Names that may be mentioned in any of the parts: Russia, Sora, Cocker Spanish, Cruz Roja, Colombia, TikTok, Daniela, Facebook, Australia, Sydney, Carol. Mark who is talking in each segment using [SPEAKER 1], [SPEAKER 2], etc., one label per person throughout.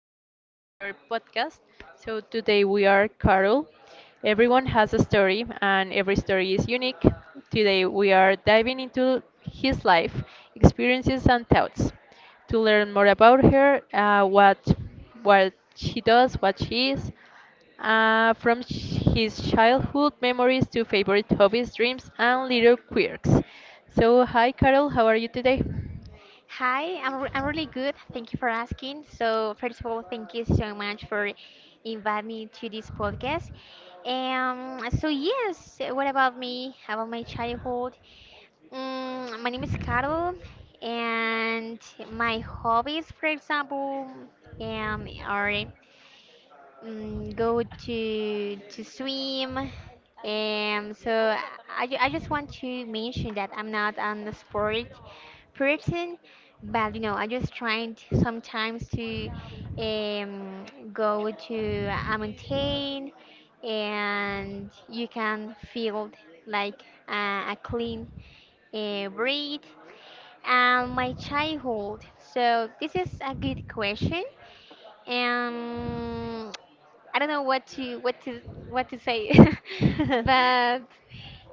[SPEAKER 1] again in another podcast. So, today we are Carol. Everyone has a story, and every story is unique. Today we are diving into his life, experiences, and thoughts to learn more about her, what she does, what she is, from his childhood memories to favorite hobbies, dreams, and little quirks. So, hi Carol, how are you today?
[SPEAKER 2] Hi, I'm really good. Thank you for asking. So, first of all, thank you so much for inviting me to this podcast. Yes, what about me? About my childhood? My name is Carol, and my hobbies, for example, are go to swim. So I just want to mention that I'm not an sport person, but you know I just trying to, sometimes to um, go to a mountain and you can feel like a clean breathe. And my childhood. So this is a good question. Um, I don't know what to say, but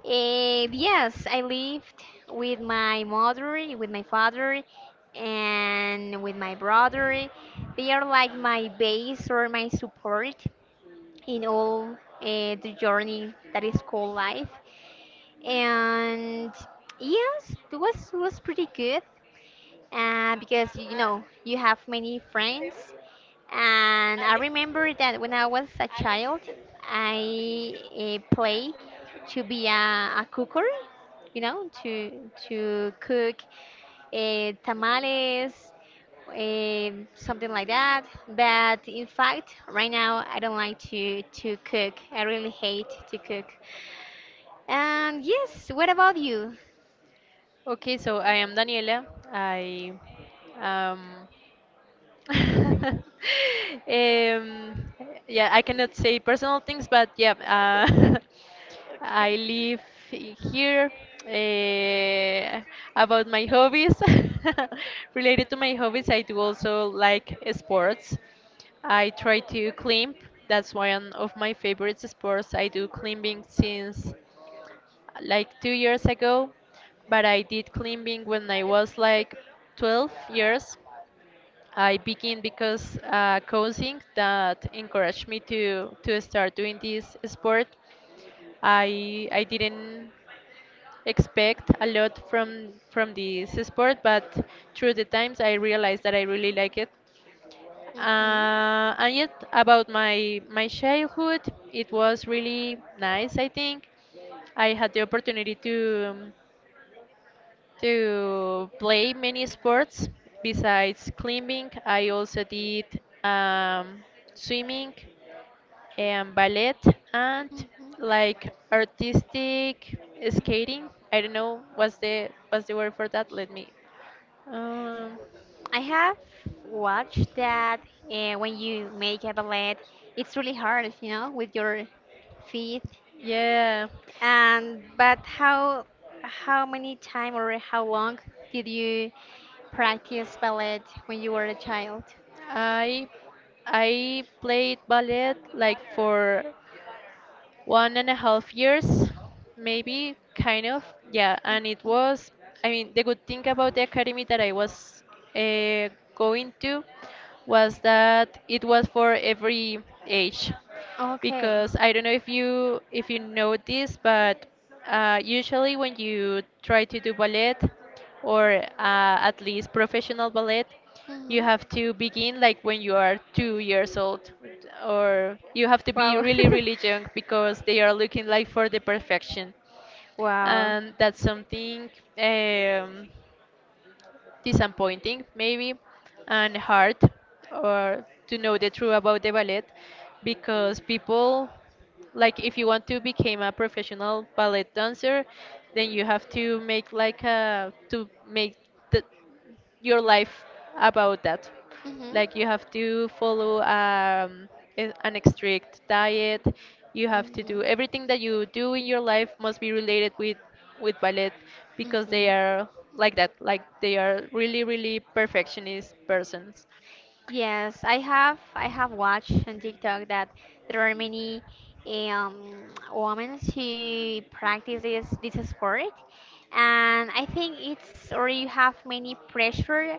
[SPEAKER 2] yes, I lived with my mother, with my father, and with my brother. They are like my base or my support in all the journey that is called life. And yes, it was pretty good because you know you have many friends, and I remember that when I was a child, I play to be a cooker, you know, to cook tamales, something like that. But in fact, right now I don't like to cook. I really hate to cook. And yes, what about you?
[SPEAKER 1] Okay, so I am Daniela. I um, um yeah, I cannot say personal things, but yeah, I live here. Uh, about my hobbies, related to my hobbies, I do also like sports. I try to climb. That's one of my favorite sports. I do climbing since like 2 years ago, but I did climbing when I was like 12 years. I began because coaching that encouraged me to start doing this sport. I didn't expect a lot from this sport, but through the times I realized that I really like it.
[SPEAKER 2] Hmm
[SPEAKER 1] And yet about my childhood, it was really nice. I think I had the opportunity um, to play many sports besides climbing. I also did um, swimming and ballet and
[SPEAKER 2] hmm
[SPEAKER 1] like artistic skating. I don't know what's the word for that. Let me. Um,
[SPEAKER 2] I have watched that when you make a ballet, it's really hard, you know, with your feet.
[SPEAKER 1] yeah,
[SPEAKER 2] And but how many time or how long did you practice ballet when you were a child?
[SPEAKER 1] I I played ballet like for one and a half years, maybe, kind of. Yeah, and it was, I mean, the good thing about the academy that I was uh, going to was that it was for every age.
[SPEAKER 2] Okay.
[SPEAKER 1] Because I don't know if you know this, but usually when you try to do ballet or at least professional ballet, you
[SPEAKER 2] hmm
[SPEAKER 1] have to begin like when you are 2 years old or you have to be
[SPEAKER 2] Wow.
[SPEAKER 1] really really young because they are looking like for the perfection,
[SPEAKER 2] Wow.
[SPEAKER 1] and that's something um, disappointing maybe and hard or to know the truth about the ballet because people, like, if you want to become a professional ballet dancer, then you have to make like a to make the your life about that.
[SPEAKER 2] hmm
[SPEAKER 1] Like you have to follow an strict diet. You have to
[SPEAKER 2] hmm
[SPEAKER 1] do everything that you do in your life must be related with ballet because they
[SPEAKER 2] hmm
[SPEAKER 1] are like that. Like they are really really perfectionist persons.
[SPEAKER 2] Yes, I have watched on TikTok that there are many um, women who practice this sport, and I think it's or you have many pressure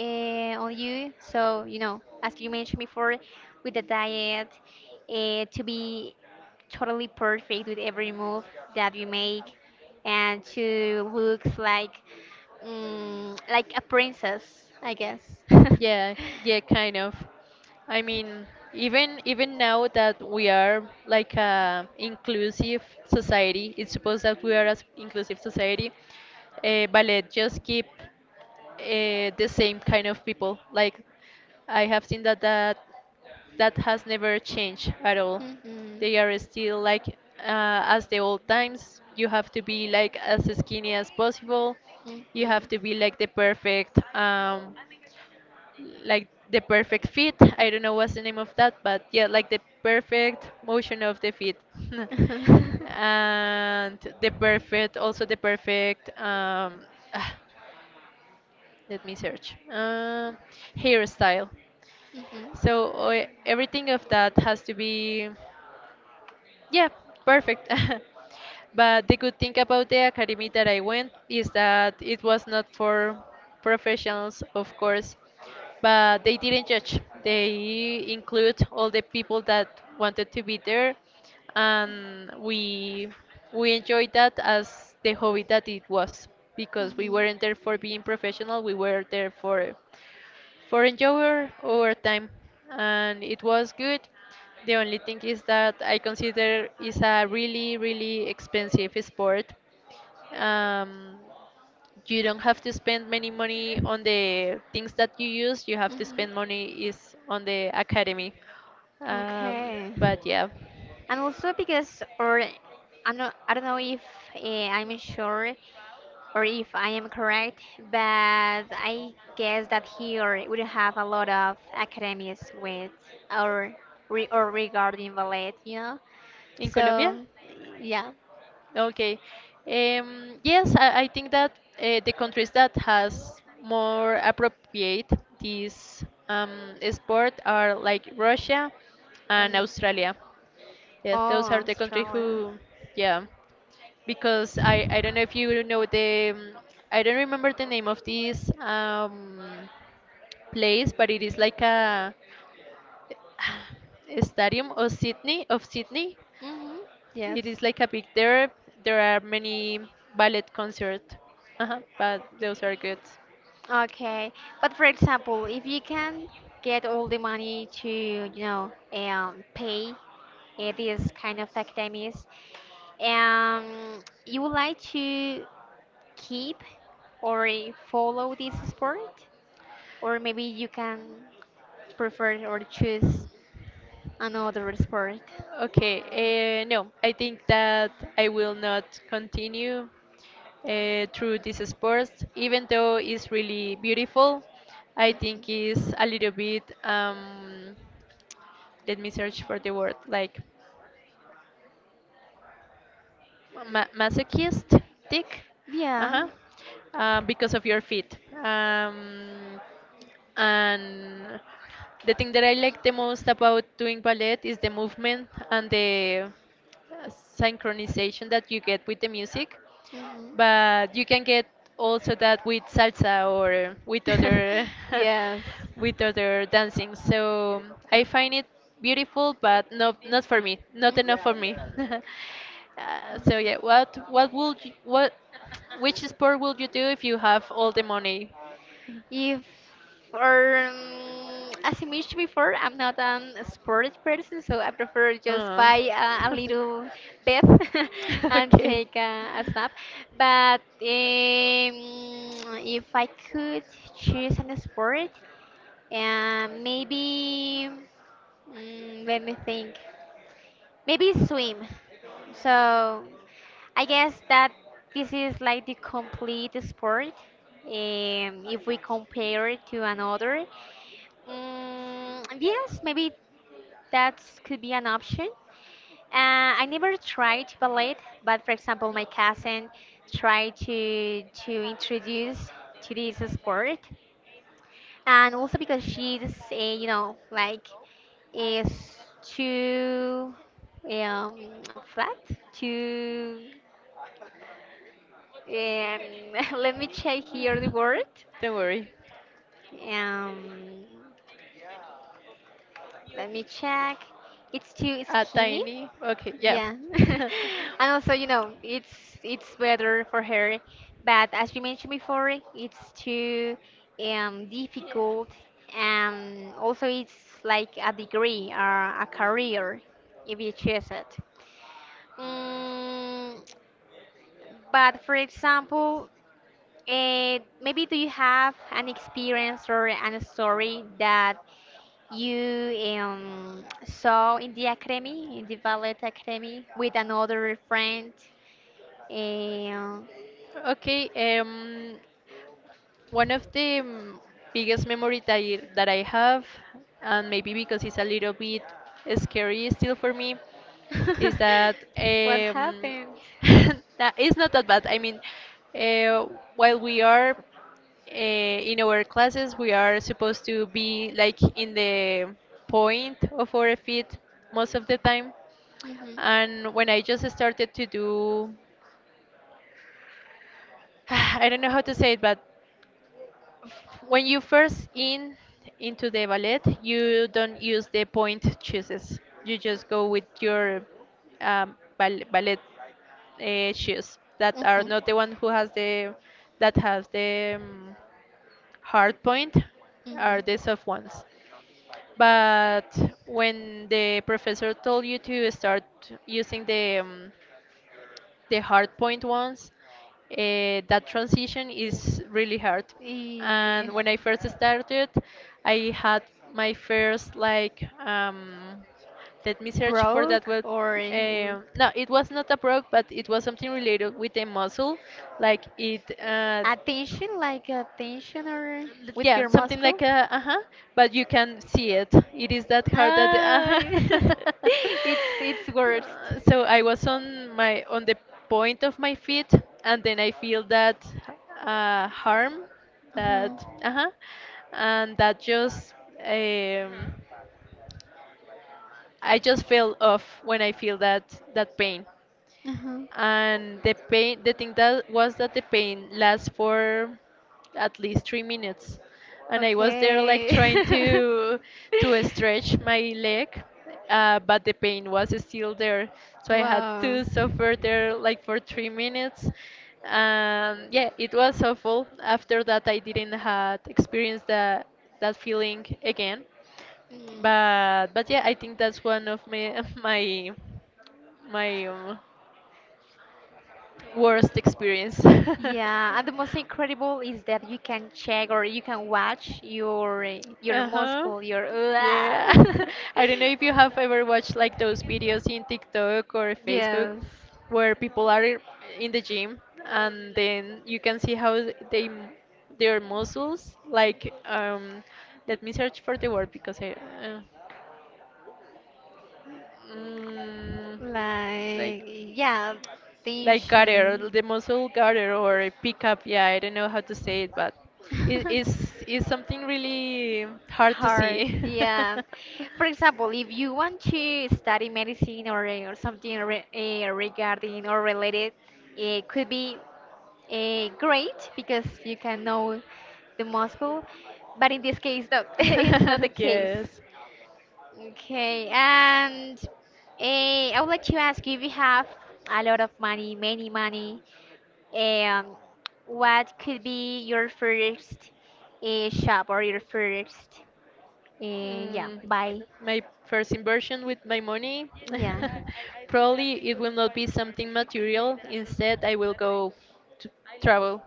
[SPEAKER 2] on you. So you know, as you mentioned before, with the diet, to be totally perfect with every move that you make, and to look like like a princess, I guess.
[SPEAKER 1] Yeah, yeah, kind of. I mean, even now that we are like a inclusive society, it's supposed that we are an inclusive society, ballet just keep the same kind of people. Like I have seen that that has never changed at all.
[SPEAKER 2] Mhm.
[SPEAKER 1] They are still like as the old times. You have to be like as skinny as possible. You have
[SPEAKER 2] Mhm.
[SPEAKER 1] to be like the perfect fit. I don't know what's the name of that, but yeah, like the perfect motion of the feet. And the perfect, also the perfect, ah, let me search, hairstyle.
[SPEAKER 2] Mhm.
[SPEAKER 1] So everything of that has to be. Yeah, perfect. But the good thing about the academy that I went is that it was not for professionals, of course, but they didn't judge. They include all the people that wanted to be there, and we enjoyed that as the hobby that it was because we
[SPEAKER 2] Mhm.
[SPEAKER 1] weren't there for being professional. We were there for enjoy our time, and it was good. The only thing is that I consider is a really really expensive sport. Um, you don't have to spend many money on the things that you use. You have to
[SPEAKER 2] Mhm.
[SPEAKER 1] spend money is on the academy. Um,
[SPEAKER 2] Okay.
[SPEAKER 1] but yeah,
[SPEAKER 2] And also because, or I don't know if I'm sure or if I am correct, but I guess that here we have a lot of academies with or re, or regarding ballet, you know.
[SPEAKER 1] in Colombia.
[SPEAKER 2] So yeah.
[SPEAKER 1] Okay. Yes, I think that the countries that has more appropriate this sport are like Russia and
[SPEAKER 2] Mhm.
[SPEAKER 1] Australia. Yes,
[SPEAKER 2] Oh,
[SPEAKER 1] those are the countries
[SPEAKER 2] Australia.
[SPEAKER 1] who, yeah, because I don't know if you know the, I don't remember the name of this place, but it is like a stadium of Sydney,
[SPEAKER 2] Mhm. Yes.
[SPEAKER 1] it is like a big there. There are many ballet concerts, uh, but those are good.
[SPEAKER 2] Okay, but for example, if you can get all the money to, you know, pay these kind of academies, um, you would like to keep or follow this sport, or maybe you can prefer or choose another sport.
[SPEAKER 1] Okay, no, I think that I will not continue through this sport, even though it's really beautiful. I think
[SPEAKER 2] Mhm.
[SPEAKER 1] it's a little bit, let me search for the word, like masochistic,
[SPEAKER 2] Yeah.
[SPEAKER 1] uh-huh, because of your feet. And the thing that I like the most about doing ballet is the movement and the synchronization that you get with the music.
[SPEAKER 2] hmm
[SPEAKER 1] But you can get also that with salsa or with other
[SPEAKER 2] Yes.
[SPEAKER 1] with other dancing. So I find it beautiful, but not for me, not
[SPEAKER 2] Mhm.
[SPEAKER 1] enough for me. So yeah,
[SPEAKER 2] Mhm.
[SPEAKER 1] what would you, what which sport would you do if you have all the money?
[SPEAKER 2] If or as I mentioned before, I'm not an sports person, so I prefer just
[SPEAKER 1] Uh,
[SPEAKER 2] buy a little bath and
[SPEAKER 1] okay,
[SPEAKER 2] take a snap. But if I could choose an sport, maybe let me think, maybe swim. So I guess that this is like the complete sport if we compare it to another. Yes, maybe that could be an option. I never tried ballet, but for example, my cousin tried to introduce to this sport, and also because she's you know like is too um, flat, too. Um, let me check here the word.
[SPEAKER 1] don't worry.
[SPEAKER 2] Um, let me check. It's too
[SPEAKER 1] A
[SPEAKER 2] skinny.
[SPEAKER 1] tiny. Okay, yeah.
[SPEAKER 2] Yeah, and also you know it's better for her, but as you mentioned before, it's too difficult, and also it's like a degree or a career if you choose it. Mm, But for example, maybe do you have an experience or an story that you saw in the academy, in the ballet academy, with another friend? Um,
[SPEAKER 1] Okay, um, one of the mm, biggest memory that that I have, and maybe because it's a little bit scary still for me, is that
[SPEAKER 2] what happened?
[SPEAKER 1] that it's not that bad. I mean, uh, while we are uh, in our classes, we are supposed to be like in the point of our feet most of the time.
[SPEAKER 2] Hmm
[SPEAKER 1] And when I just started to do, I don't know how to say it, but when you first in into the ballet, you don't use the point choices. You just go with your ballet shoes that are
[SPEAKER 2] hmm
[SPEAKER 1] not the one who has the that has the hard point are
[SPEAKER 2] hmm
[SPEAKER 1] the soft ones. But when the professor told you to start using the hard point ones, that transition is really hard.
[SPEAKER 2] Eh,
[SPEAKER 1] And when I first started, I had my first like let me search for that
[SPEAKER 2] broke
[SPEAKER 1] word.
[SPEAKER 2] or l-
[SPEAKER 1] No, it was not a broke, but it was something related with a muscle, like it
[SPEAKER 2] attention, like attention or
[SPEAKER 1] L-
[SPEAKER 2] with
[SPEAKER 1] yeah,
[SPEAKER 2] your
[SPEAKER 1] something
[SPEAKER 2] muscle?
[SPEAKER 1] like a uh-huh, but you can see it. It is that hard that uh-huh.
[SPEAKER 2] Ah, it's worst.
[SPEAKER 1] So I was on my on the point of my feet, and then I feel that harm,
[SPEAKER 2] Uh-huh.
[SPEAKER 1] that uh-huh, and that just um, I just fell off when I feel that that pain,
[SPEAKER 2] Uh-huh.
[SPEAKER 1] and the thing that was that the pain lasts for at least 3 minutes, and I was there like
[SPEAKER 2] Okay.
[SPEAKER 1] trying to stretch my leg but the pain was still there, so I had
[SPEAKER 2] Wow.
[SPEAKER 1] to suffer there like for 3 minutes, and yeah, it was awful. After that, I didn't had experienced that feeling again,
[SPEAKER 2] Mm.
[SPEAKER 1] but yeah, I think that's one of my my worst experience.
[SPEAKER 2] Yeah, and the most incredible is that you can check or you can watch your
[SPEAKER 1] Uh-huh.
[SPEAKER 2] muscle, your
[SPEAKER 1] Yeah. I don't know if you have ever watched like those videos in TikTok or Facebook
[SPEAKER 2] Yes.
[SPEAKER 1] where people are in the gym and then you can see how they their muscles like um, let me search for the word because I uh, mm,
[SPEAKER 2] Like
[SPEAKER 1] like
[SPEAKER 2] yeah,
[SPEAKER 1] like gutter,
[SPEAKER 2] tension.
[SPEAKER 1] the muscle gutter or a pickup. Yeah, I don't know how to say it, but it is is something really hard to
[SPEAKER 2] hard
[SPEAKER 1] see.
[SPEAKER 2] yeah, for example if you want to study medicine or something re regarding or related, it could be great because you can know the muscle, but in this case no, it's not the case.
[SPEAKER 1] Yes.
[SPEAKER 2] Okay, and uh, I would like to ask you if you have a lot of money, many money, um, what could be your first shop or your first yeah
[SPEAKER 1] Mm,
[SPEAKER 2] buy.
[SPEAKER 1] my first inversion with my money,
[SPEAKER 2] Yeah.
[SPEAKER 1] probably it will not be something material. Instead, I will go to travel.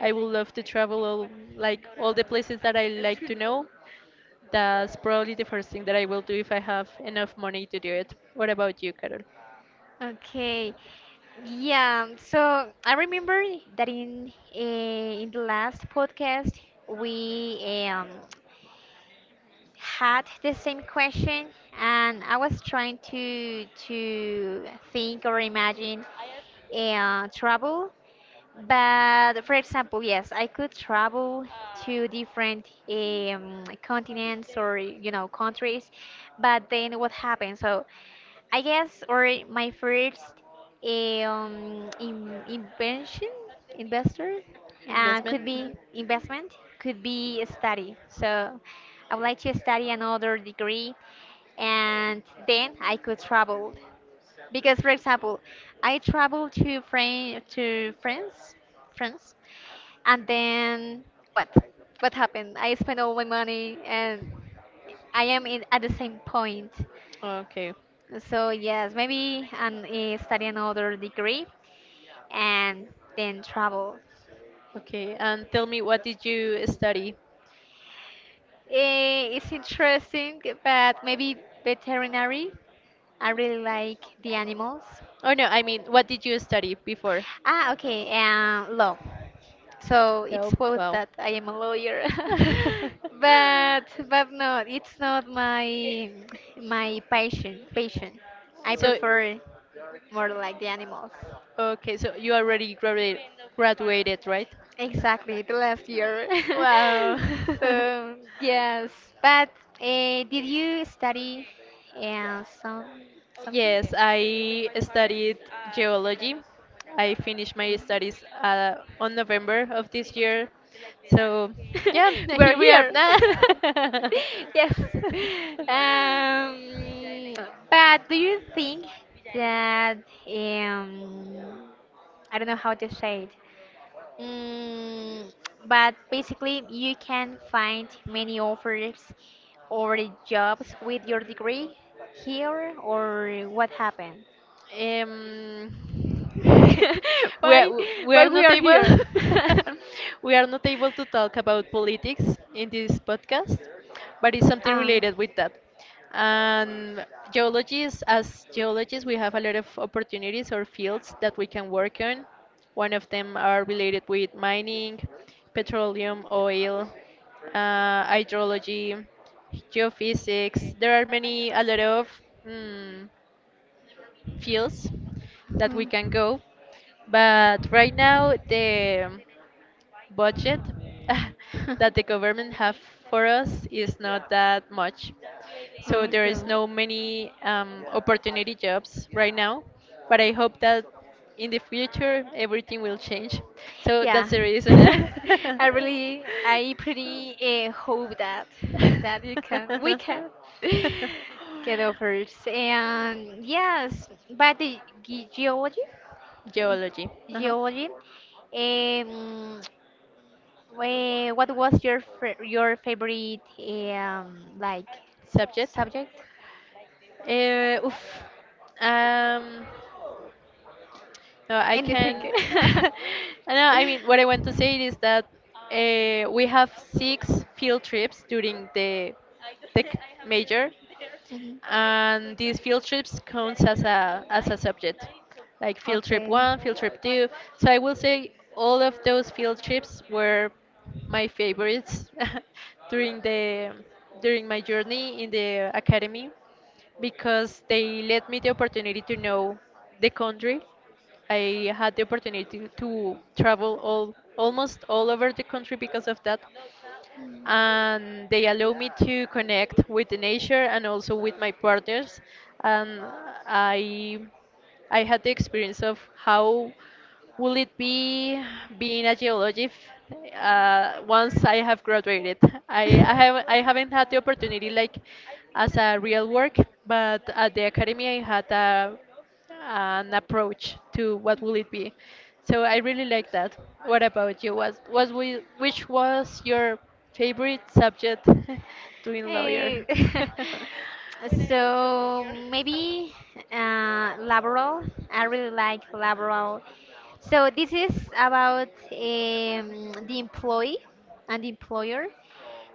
[SPEAKER 1] I would love to travel all, like all the places that I like to know. That's probably the first thing that I will do if I have enough money to do it. What about you, Carol?
[SPEAKER 2] Okay. Yeah. So I remember that in the last podcast we had the same question, and I was trying to think or imagine travel. But for example, yes, I could travel to different continents or you know countries. But then what happened? So I guess, or my first invention, investor,
[SPEAKER 1] Investment?
[SPEAKER 2] could be
[SPEAKER 1] Hmm.
[SPEAKER 2] investment, could be study. So I would like to study another degree, and then I could travel. Because, for example, I traveled to, Fran- to France, France, and then what? What happened? I spent all my money, and at the same point.
[SPEAKER 1] Okay.
[SPEAKER 2] So yes, maybe and study another degree and then travel.
[SPEAKER 1] Okay. And tell me, what did you study?
[SPEAKER 2] It's interesting, but maybe veterinary. I really like the animals.
[SPEAKER 1] Oh, no, I mean, what did you study before?
[SPEAKER 2] Ah, okay, and law. So it's
[SPEAKER 1] Oh
[SPEAKER 2] supposed
[SPEAKER 1] wow.
[SPEAKER 2] that I am a lawyer, but no, it's not my passion. Passion. I
[SPEAKER 1] So,
[SPEAKER 2] prefer more like the animals.
[SPEAKER 1] okay, so you already graduated, graduated, right?
[SPEAKER 2] Exactly, the last year.
[SPEAKER 1] Wow.
[SPEAKER 2] So, yes, but uh, did you study some something?
[SPEAKER 1] Yes, I studied geology. I finished my studies on November of this year. So, yeah,
[SPEAKER 2] We're
[SPEAKER 1] here we are.
[SPEAKER 2] here.
[SPEAKER 1] Nah.
[SPEAKER 2] Yes. Um, but do you think that um, I don't know how to say it. Mm, but basically, you can find many offers or jobs with your degree here, or what happened?
[SPEAKER 1] Um, we are,
[SPEAKER 2] why
[SPEAKER 1] we
[SPEAKER 2] why
[SPEAKER 1] are
[SPEAKER 2] we
[SPEAKER 1] not
[SPEAKER 2] are
[SPEAKER 1] able
[SPEAKER 2] here.
[SPEAKER 1] we are not able to talk about politics in this podcast, but it's something
[SPEAKER 2] Um.
[SPEAKER 1] related with that. And geologists, as geologists, we have a lot of opportunities or fields that we can work on. One of them are related with mining, petroleum, oil, hydrology, geophysics. There are many, a lot of. Mm, fields that we can
[SPEAKER 2] Mhm.
[SPEAKER 1] go. But right now, the budget that the government have for us is not that much. So there is
[SPEAKER 2] okay.
[SPEAKER 1] no many opportunity jobs right now. But I hope that in the future everything will change. So that's
[SPEAKER 2] Yeah,
[SPEAKER 1] the reason.
[SPEAKER 2] I really, I pretty hope that that you can, we can get offers. And yes, but the ge- geology, eh,
[SPEAKER 1] Geology. Uh-huh.
[SPEAKER 2] geology. Um, what was your fa- your favorite like
[SPEAKER 1] Subject.
[SPEAKER 2] subject?
[SPEAKER 1] Oof. Um, no, I
[SPEAKER 2] Anything?
[SPEAKER 1] can. No, I mean, what I want to say is that we have six field trips during the tech major,
[SPEAKER 2] Mhm.
[SPEAKER 1] and these field trips counts as a subject, like field trip
[SPEAKER 2] Okay.
[SPEAKER 1] 1, field trip 2. So I will say all of those field trips were my favorites during the during my journey in the academy, because they let me the opportunity to know the country. I had the opportunity to travel all almost all over the country because of that,
[SPEAKER 2] Mm.
[SPEAKER 1] and they allow me to connect with the nature and also with my partners. And i I had the experience of how will it be being a geologist. Once I have graduated, I haven't had the opportunity, like, as a real work, but at the academy I had a an approach to what will it be. So I really like that. What about you? Which was your favorite subject doing
[SPEAKER 2] Eh,
[SPEAKER 1] lawyer?
[SPEAKER 2] so maybe Laboral. I really like Laboral. So this is about the employee and the employer,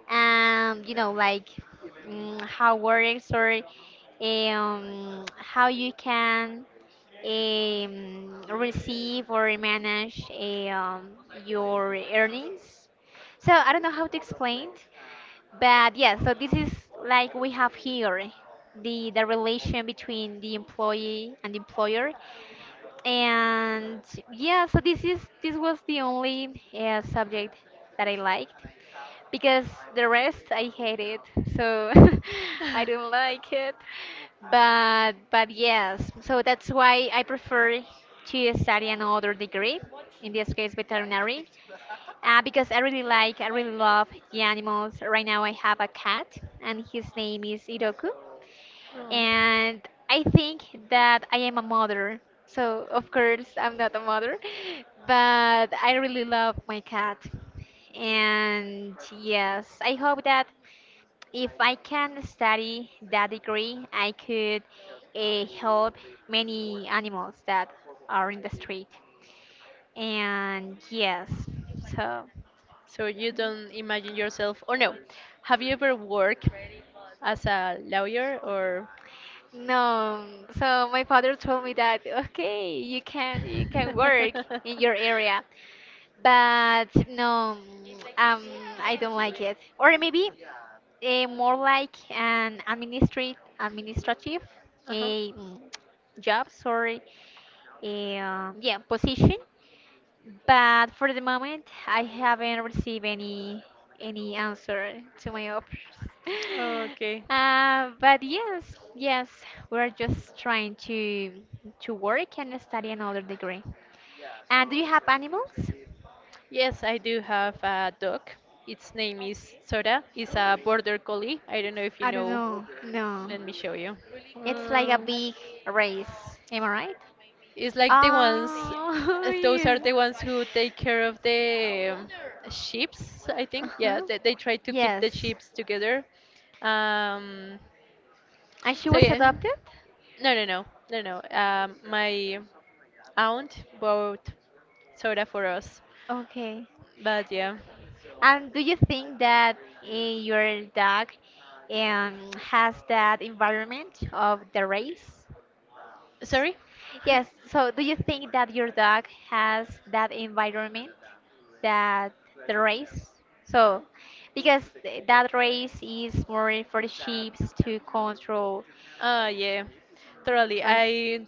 [SPEAKER 2] and you know, like how works or how you can receive or manage um, your earnings. So I don't know how to explain, but yeah, so this is like we have here the relation between the employee and the employer, and yeah, so this is this was the only subject that I liked, because the rest I hate it, so I don't like it. But yes, so that's why I prefer to study another degree, in this case veterinary, because I really like, I really love the animals. Right now, I have a cat, and his name is Iroku.
[SPEAKER 1] Oh.
[SPEAKER 2] And I think that I am a mother. So, of course, I'm not a mother, but I really love my cat. And yes, I hope that if I can study that degree, I could help many animals that are in the street. And yes, so.
[SPEAKER 1] So you don't imagine yourself, or no? Have you ever worked as a lawyer or?
[SPEAKER 2] No, so my father told me that okay, you can work in your area, but no, um, I don't like it. Or maybe more like an administrate administrative
[SPEAKER 1] Uh-huh.
[SPEAKER 2] a job, sorry, a yeah position, but for the moment, I haven't received any answer to my offers.
[SPEAKER 1] Okay.
[SPEAKER 2] But yes, yes, we're just trying to work and study another degree. And do you have animals?
[SPEAKER 1] Yes, I do have a dog. Its name is Sora. It's a border collie. I don't know if you
[SPEAKER 2] I don't
[SPEAKER 1] know.
[SPEAKER 2] know. No,
[SPEAKER 1] Let me show you.
[SPEAKER 2] it's like a
[SPEAKER 1] Um,
[SPEAKER 2] big race. Am I right?
[SPEAKER 1] it's like the ones.
[SPEAKER 2] Oh,
[SPEAKER 1] Those are
[SPEAKER 2] yes.
[SPEAKER 1] the ones who take care of the sheeps, I think. Yeah,
[SPEAKER 2] Uh-huh.
[SPEAKER 1] they try to keep the
[SPEAKER 2] Yes.
[SPEAKER 1] sheeps together. Um,
[SPEAKER 2] And she
[SPEAKER 1] so
[SPEAKER 2] was
[SPEAKER 1] yeah.
[SPEAKER 2] adopted?
[SPEAKER 1] No, no, no, no, no. My aunt bought soda for us,
[SPEAKER 2] Okay.
[SPEAKER 1] but yeah.
[SPEAKER 2] And do you think that your dog has that environment of the race?
[SPEAKER 1] Sorry.
[SPEAKER 2] Yes, so do you think that your dog has that environment that the race? So, because th- that race is more for the sheep to control,
[SPEAKER 1] Yeah, totally.
[SPEAKER 2] but
[SPEAKER 1] I,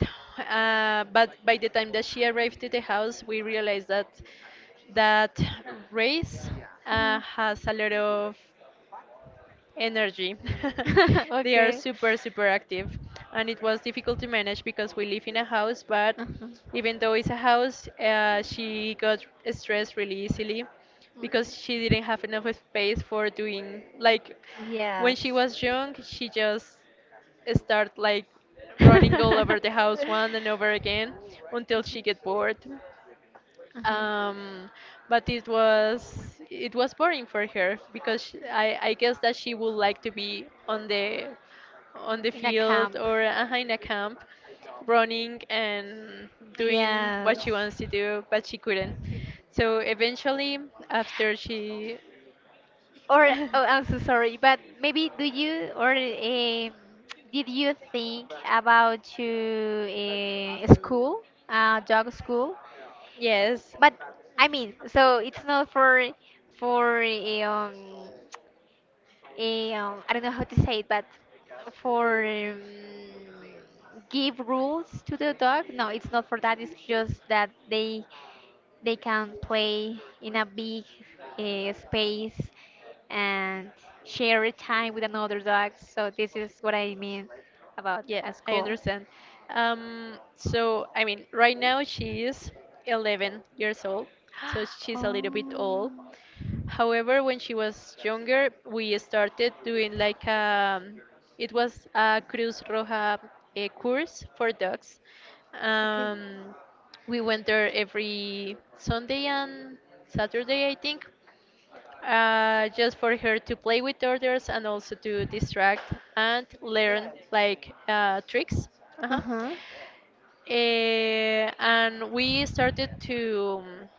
[SPEAKER 1] but by the time that she arrived to the house, we realized that that race
[SPEAKER 2] Mhm.
[SPEAKER 1] has a lot of energy. They are
[SPEAKER 2] okay.
[SPEAKER 1] super, super active. And it was difficult to manage because we live in a house, but
[SPEAKER 2] Uh-huh.
[SPEAKER 1] even though it's a house, she got stressed really easily because
[SPEAKER 2] Mhm.
[SPEAKER 1] she didn't have enough space for doing, like, when she
[SPEAKER 2] Yes.
[SPEAKER 1] was young, she just start like running all
[SPEAKER 2] Mhm.
[SPEAKER 1] over the house one and over again until she get bored, um, but it was boring for her because sh I guess that she would like to be on the
[SPEAKER 2] In a
[SPEAKER 1] field
[SPEAKER 2] camp.
[SPEAKER 1] or in a camp running and doing what she
[SPEAKER 2] Yes.
[SPEAKER 1] wants to do, but she couldn't. So eventually, after she,
[SPEAKER 2] Or oh, I'm so sorry, but maybe do you or did you think about to school, dog school?
[SPEAKER 1] yes,
[SPEAKER 2] But I mean, so it's not for for I don't know how to say it, but for give rules to the dog. No, it's not for that. It's just that they can play in a big space and share time with another dog. So this is what I mean about
[SPEAKER 1] yeah,
[SPEAKER 2] a
[SPEAKER 1] I
[SPEAKER 2] school.
[SPEAKER 1] understand. So I mean, right now she is 11 years old, so she's a little bit old.
[SPEAKER 2] Oh,
[SPEAKER 1] However, when she was younger, we started doing like, it was a Cruz Roja, a course for dogs.
[SPEAKER 2] okay.
[SPEAKER 1] Um, we went there every Sunday and Saturday, I think, just for her to play with others and also to distract and learn like tricks. Uh-huh.
[SPEAKER 2] Uh-huh.
[SPEAKER 1] Eh, and we started to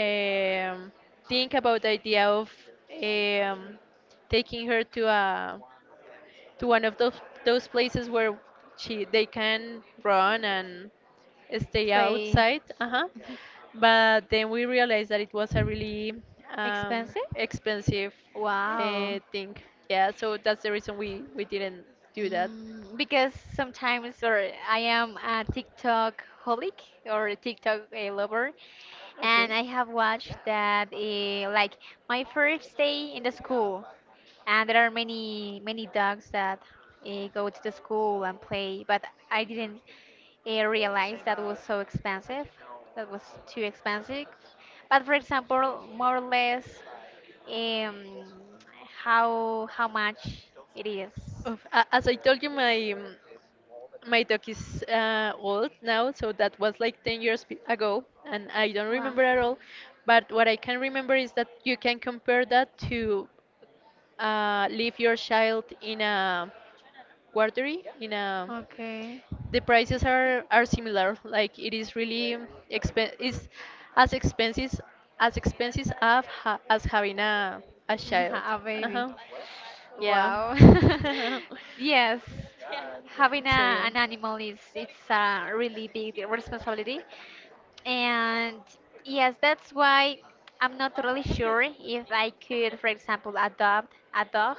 [SPEAKER 1] um, think about the idea of um, taking her to a to one of those places where she they can run and stay
[SPEAKER 2] Play
[SPEAKER 1] outside. Uh-huh. But then we realized that it was a really um,
[SPEAKER 2] expensive?
[SPEAKER 1] expensive
[SPEAKER 2] Wow.
[SPEAKER 1] thing. Yeah, so that's the reason we didn't do that.
[SPEAKER 2] Because sometimes or I am a TikTok holic or a TikTok lover,
[SPEAKER 1] Okay.
[SPEAKER 2] and I have watched that like my first day in the school, and there are many many dogs that go to the school and play, but I didn't realize that was so expensive, that was too expensive. But for example, more or less, um, how much it is.
[SPEAKER 1] Of, a- as I told you, my dog is old now, so that was like 10 years be- ago, and I don't
[SPEAKER 2] Wow.
[SPEAKER 1] remember at all. But what I can remember is that you can compare that to leave your child in a guardery, in a
[SPEAKER 2] Okay.
[SPEAKER 1] the prices are similar. Like it is really expen it's as expensive as expensive as having a child.
[SPEAKER 2] A baby.
[SPEAKER 1] Uh-huh. Yeah.
[SPEAKER 2] Wow. Yes, having a,
[SPEAKER 1] So yeah,
[SPEAKER 2] an animal is it's a really big responsibility. And yes, that's why I'm not really sure if I could, for example, adopt a dog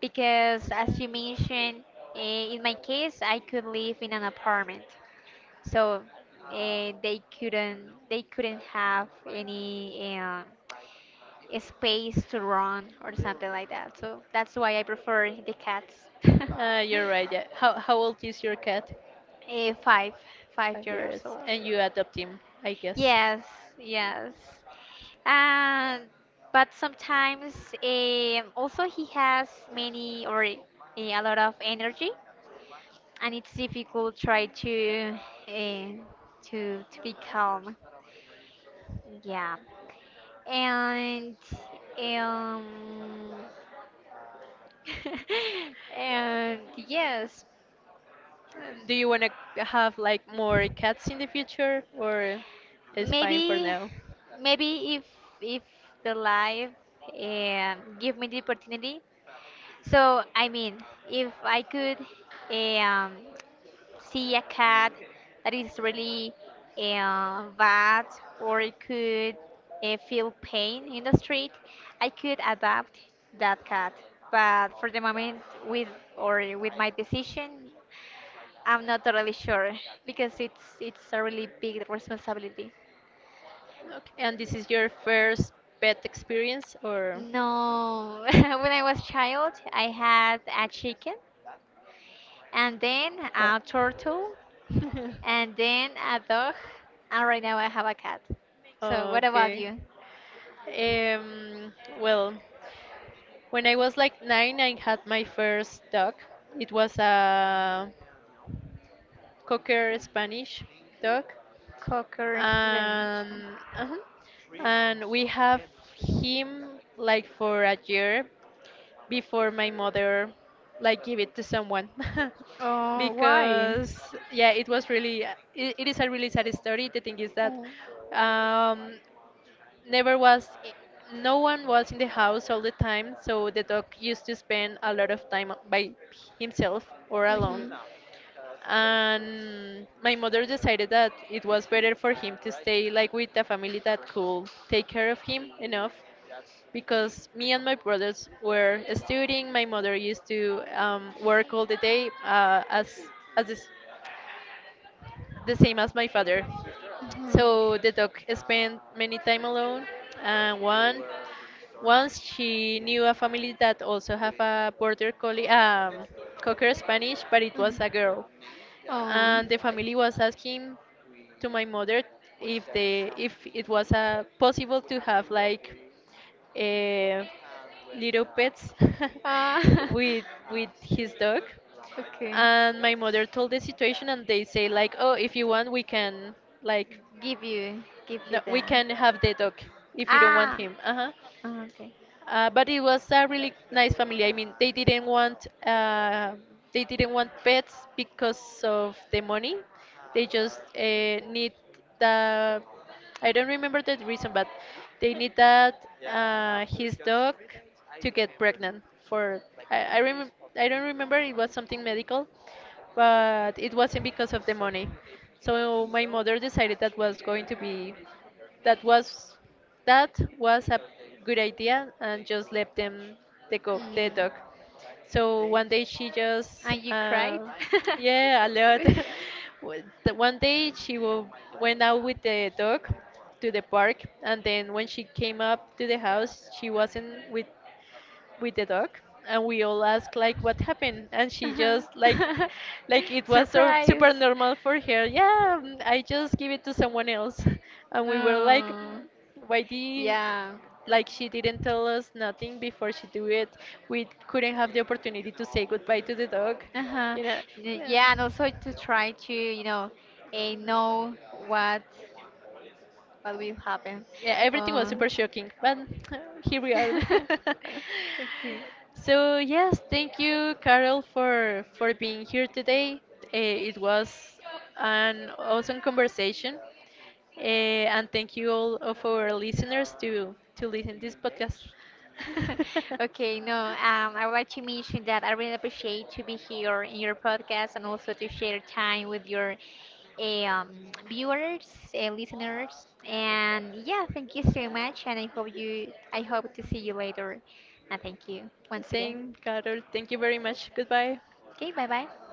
[SPEAKER 2] because, as you mentioned, in my case, I could live in an apartment, so they couldn't have any space to run or something like that. So that's why I prefer the cats.
[SPEAKER 1] you're right. Yeah. How old is your cat?
[SPEAKER 2] Eh, five five
[SPEAKER 1] Five
[SPEAKER 2] years
[SPEAKER 1] years,
[SPEAKER 2] old.
[SPEAKER 1] and you adopt him, I guess.
[SPEAKER 2] Yes, yes. And but sometimes also he has many or a lot of energy, and it's difficult try to uh, to to be calm. Yeah, and um and yes,
[SPEAKER 1] Do you want to have like more cats in the future, or it's fine for
[SPEAKER 2] maybe,
[SPEAKER 1] now?
[SPEAKER 2] maybe if the life give me the opportunity. So I mean, if I could um see a cat that is really bad, or it could feel pain in the street, I could adopt that cat. But for the moment, with or with my decision, I'm not totally sure because it's a really big responsibility.
[SPEAKER 1] Okay. And this is your first pet experience, or?
[SPEAKER 2] No, when I was child, I had a chicken and then
[SPEAKER 1] Oh.
[SPEAKER 2] a turtle and then a dog, and right now I have a cat. So what about
[SPEAKER 1] Okay.
[SPEAKER 2] you?
[SPEAKER 1] Um, well, when I was like nine, I had my first dog. It was a Cocker Spanish dog.
[SPEAKER 2] Cocker language.
[SPEAKER 1] And uh and we have him like for a year before my mother like give it to someone
[SPEAKER 2] Oh, why?
[SPEAKER 1] because yeah it was really it is a really sad story. The thing is that
[SPEAKER 2] Oh,
[SPEAKER 1] um never was I- no one was in the house all the time, so the dog used to spend a lot of time by himself or alone,
[SPEAKER 2] mhm,
[SPEAKER 1] and my mother decided that it was better for him to stay like with a family that could take care of him enough, because me and my brothers were studying. My mother used to work all the day, as this the same as my father.
[SPEAKER 2] mhm,
[SPEAKER 1] So the dog spent many time alone, and one once she knew a family that also have a border collie, cocker Spanish, but it was a
[SPEAKER 2] mhm.
[SPEAKER 1] girl,
[SPEAKER 2] Oh,
[SPEAKER 1] and the family was asking to my mother if they if it was possible to have like uh, little pets
[SPEAKER 2] Ah,
[SPEAKER 1] with with his dog.
[SPEAKER 2] okay.
[SPEAKER 1] And my mother told the situation, and they say like, oh, if you want, we can like
[SPEAKER 2] Give you, give
[SPEAKER 1] no,
[SPEAKER 2] you
[SPEAKER 1] we
[SPEAKER 2] the.
[SPEAKER 1] can have the dog if you don't want
[SPEAKER 2] Ah,
[SPEAKER 1] him. Uh-huh.
[SPEAKER 2] oh, okay.
[SPEAKER 1] But it was a really nice family. I mean, they didn't want pets because of the money. They just need the I don't remember the reason, but they need that his dog to get pregnant. For I I, remem- I don't remember, it was something medical, but it wasn't because of the money. So my mother decided that was going to be that was that was a good idea, and just let them the dog.
[SPEAKER 2] Mm.
[SPEAKER 1] So one day she just
[SPEAKER 2] And you cried?
[SPEAKER 1] yeah a lot. W- the One day she went out with the dog to the park, and then when she came up to the house, she wasn't with the dog, and we all asked like what happened, and she just
[SPEAKER 2] Uh-huh.
[SPEAKER 1] like it was so
[SPEAKER 2] Surprise.
[SPEAKER 1] super normal for her. Yeah, mm, I just give it to someone else. And we were like,
[SPEAKER 2] Oh.
[SPEAKER 1] "Mm, why did
[SPEAKER 2] Yeah.
[SPEAKER 1] like she didn't tell us nothing before she do it, we couldn't have the opportunity to say goodbye to the dog,
[SPEAKER 2] Uh-huh.
[SPEAKER 1] you know,
[SPEAKER 2] Y-
[SPEAKER 1] yeah
[SPEAKER 2] Yeah, and also to try to, you know, know what what will happen.
[SPEAKER 1] yeah, everything was
[SPEAKER 2] Uh,
[SPEAKER 1] super shocking, but uh, here we are.
[SPEAKER 2] Okay.
[SPEAKER 1] So yes, thank you, Carol, for being here today. Eh, it was an awesome conversation. Eh, and thank you all of our listeners to listen this podcast.
[SPEAKER 2] Okay, no, I would like to mention that I really appreciate to be here in your podcast and also to share time with your eh, um, viewers, listeners, and yeah, thank you so much, and I hope you, I hope to see you later, and thank you once again.
[SPEAKER 1] Same, Carol. Thank you very much. Goodbye.
[SPEAKER 2] Okay, bye bye.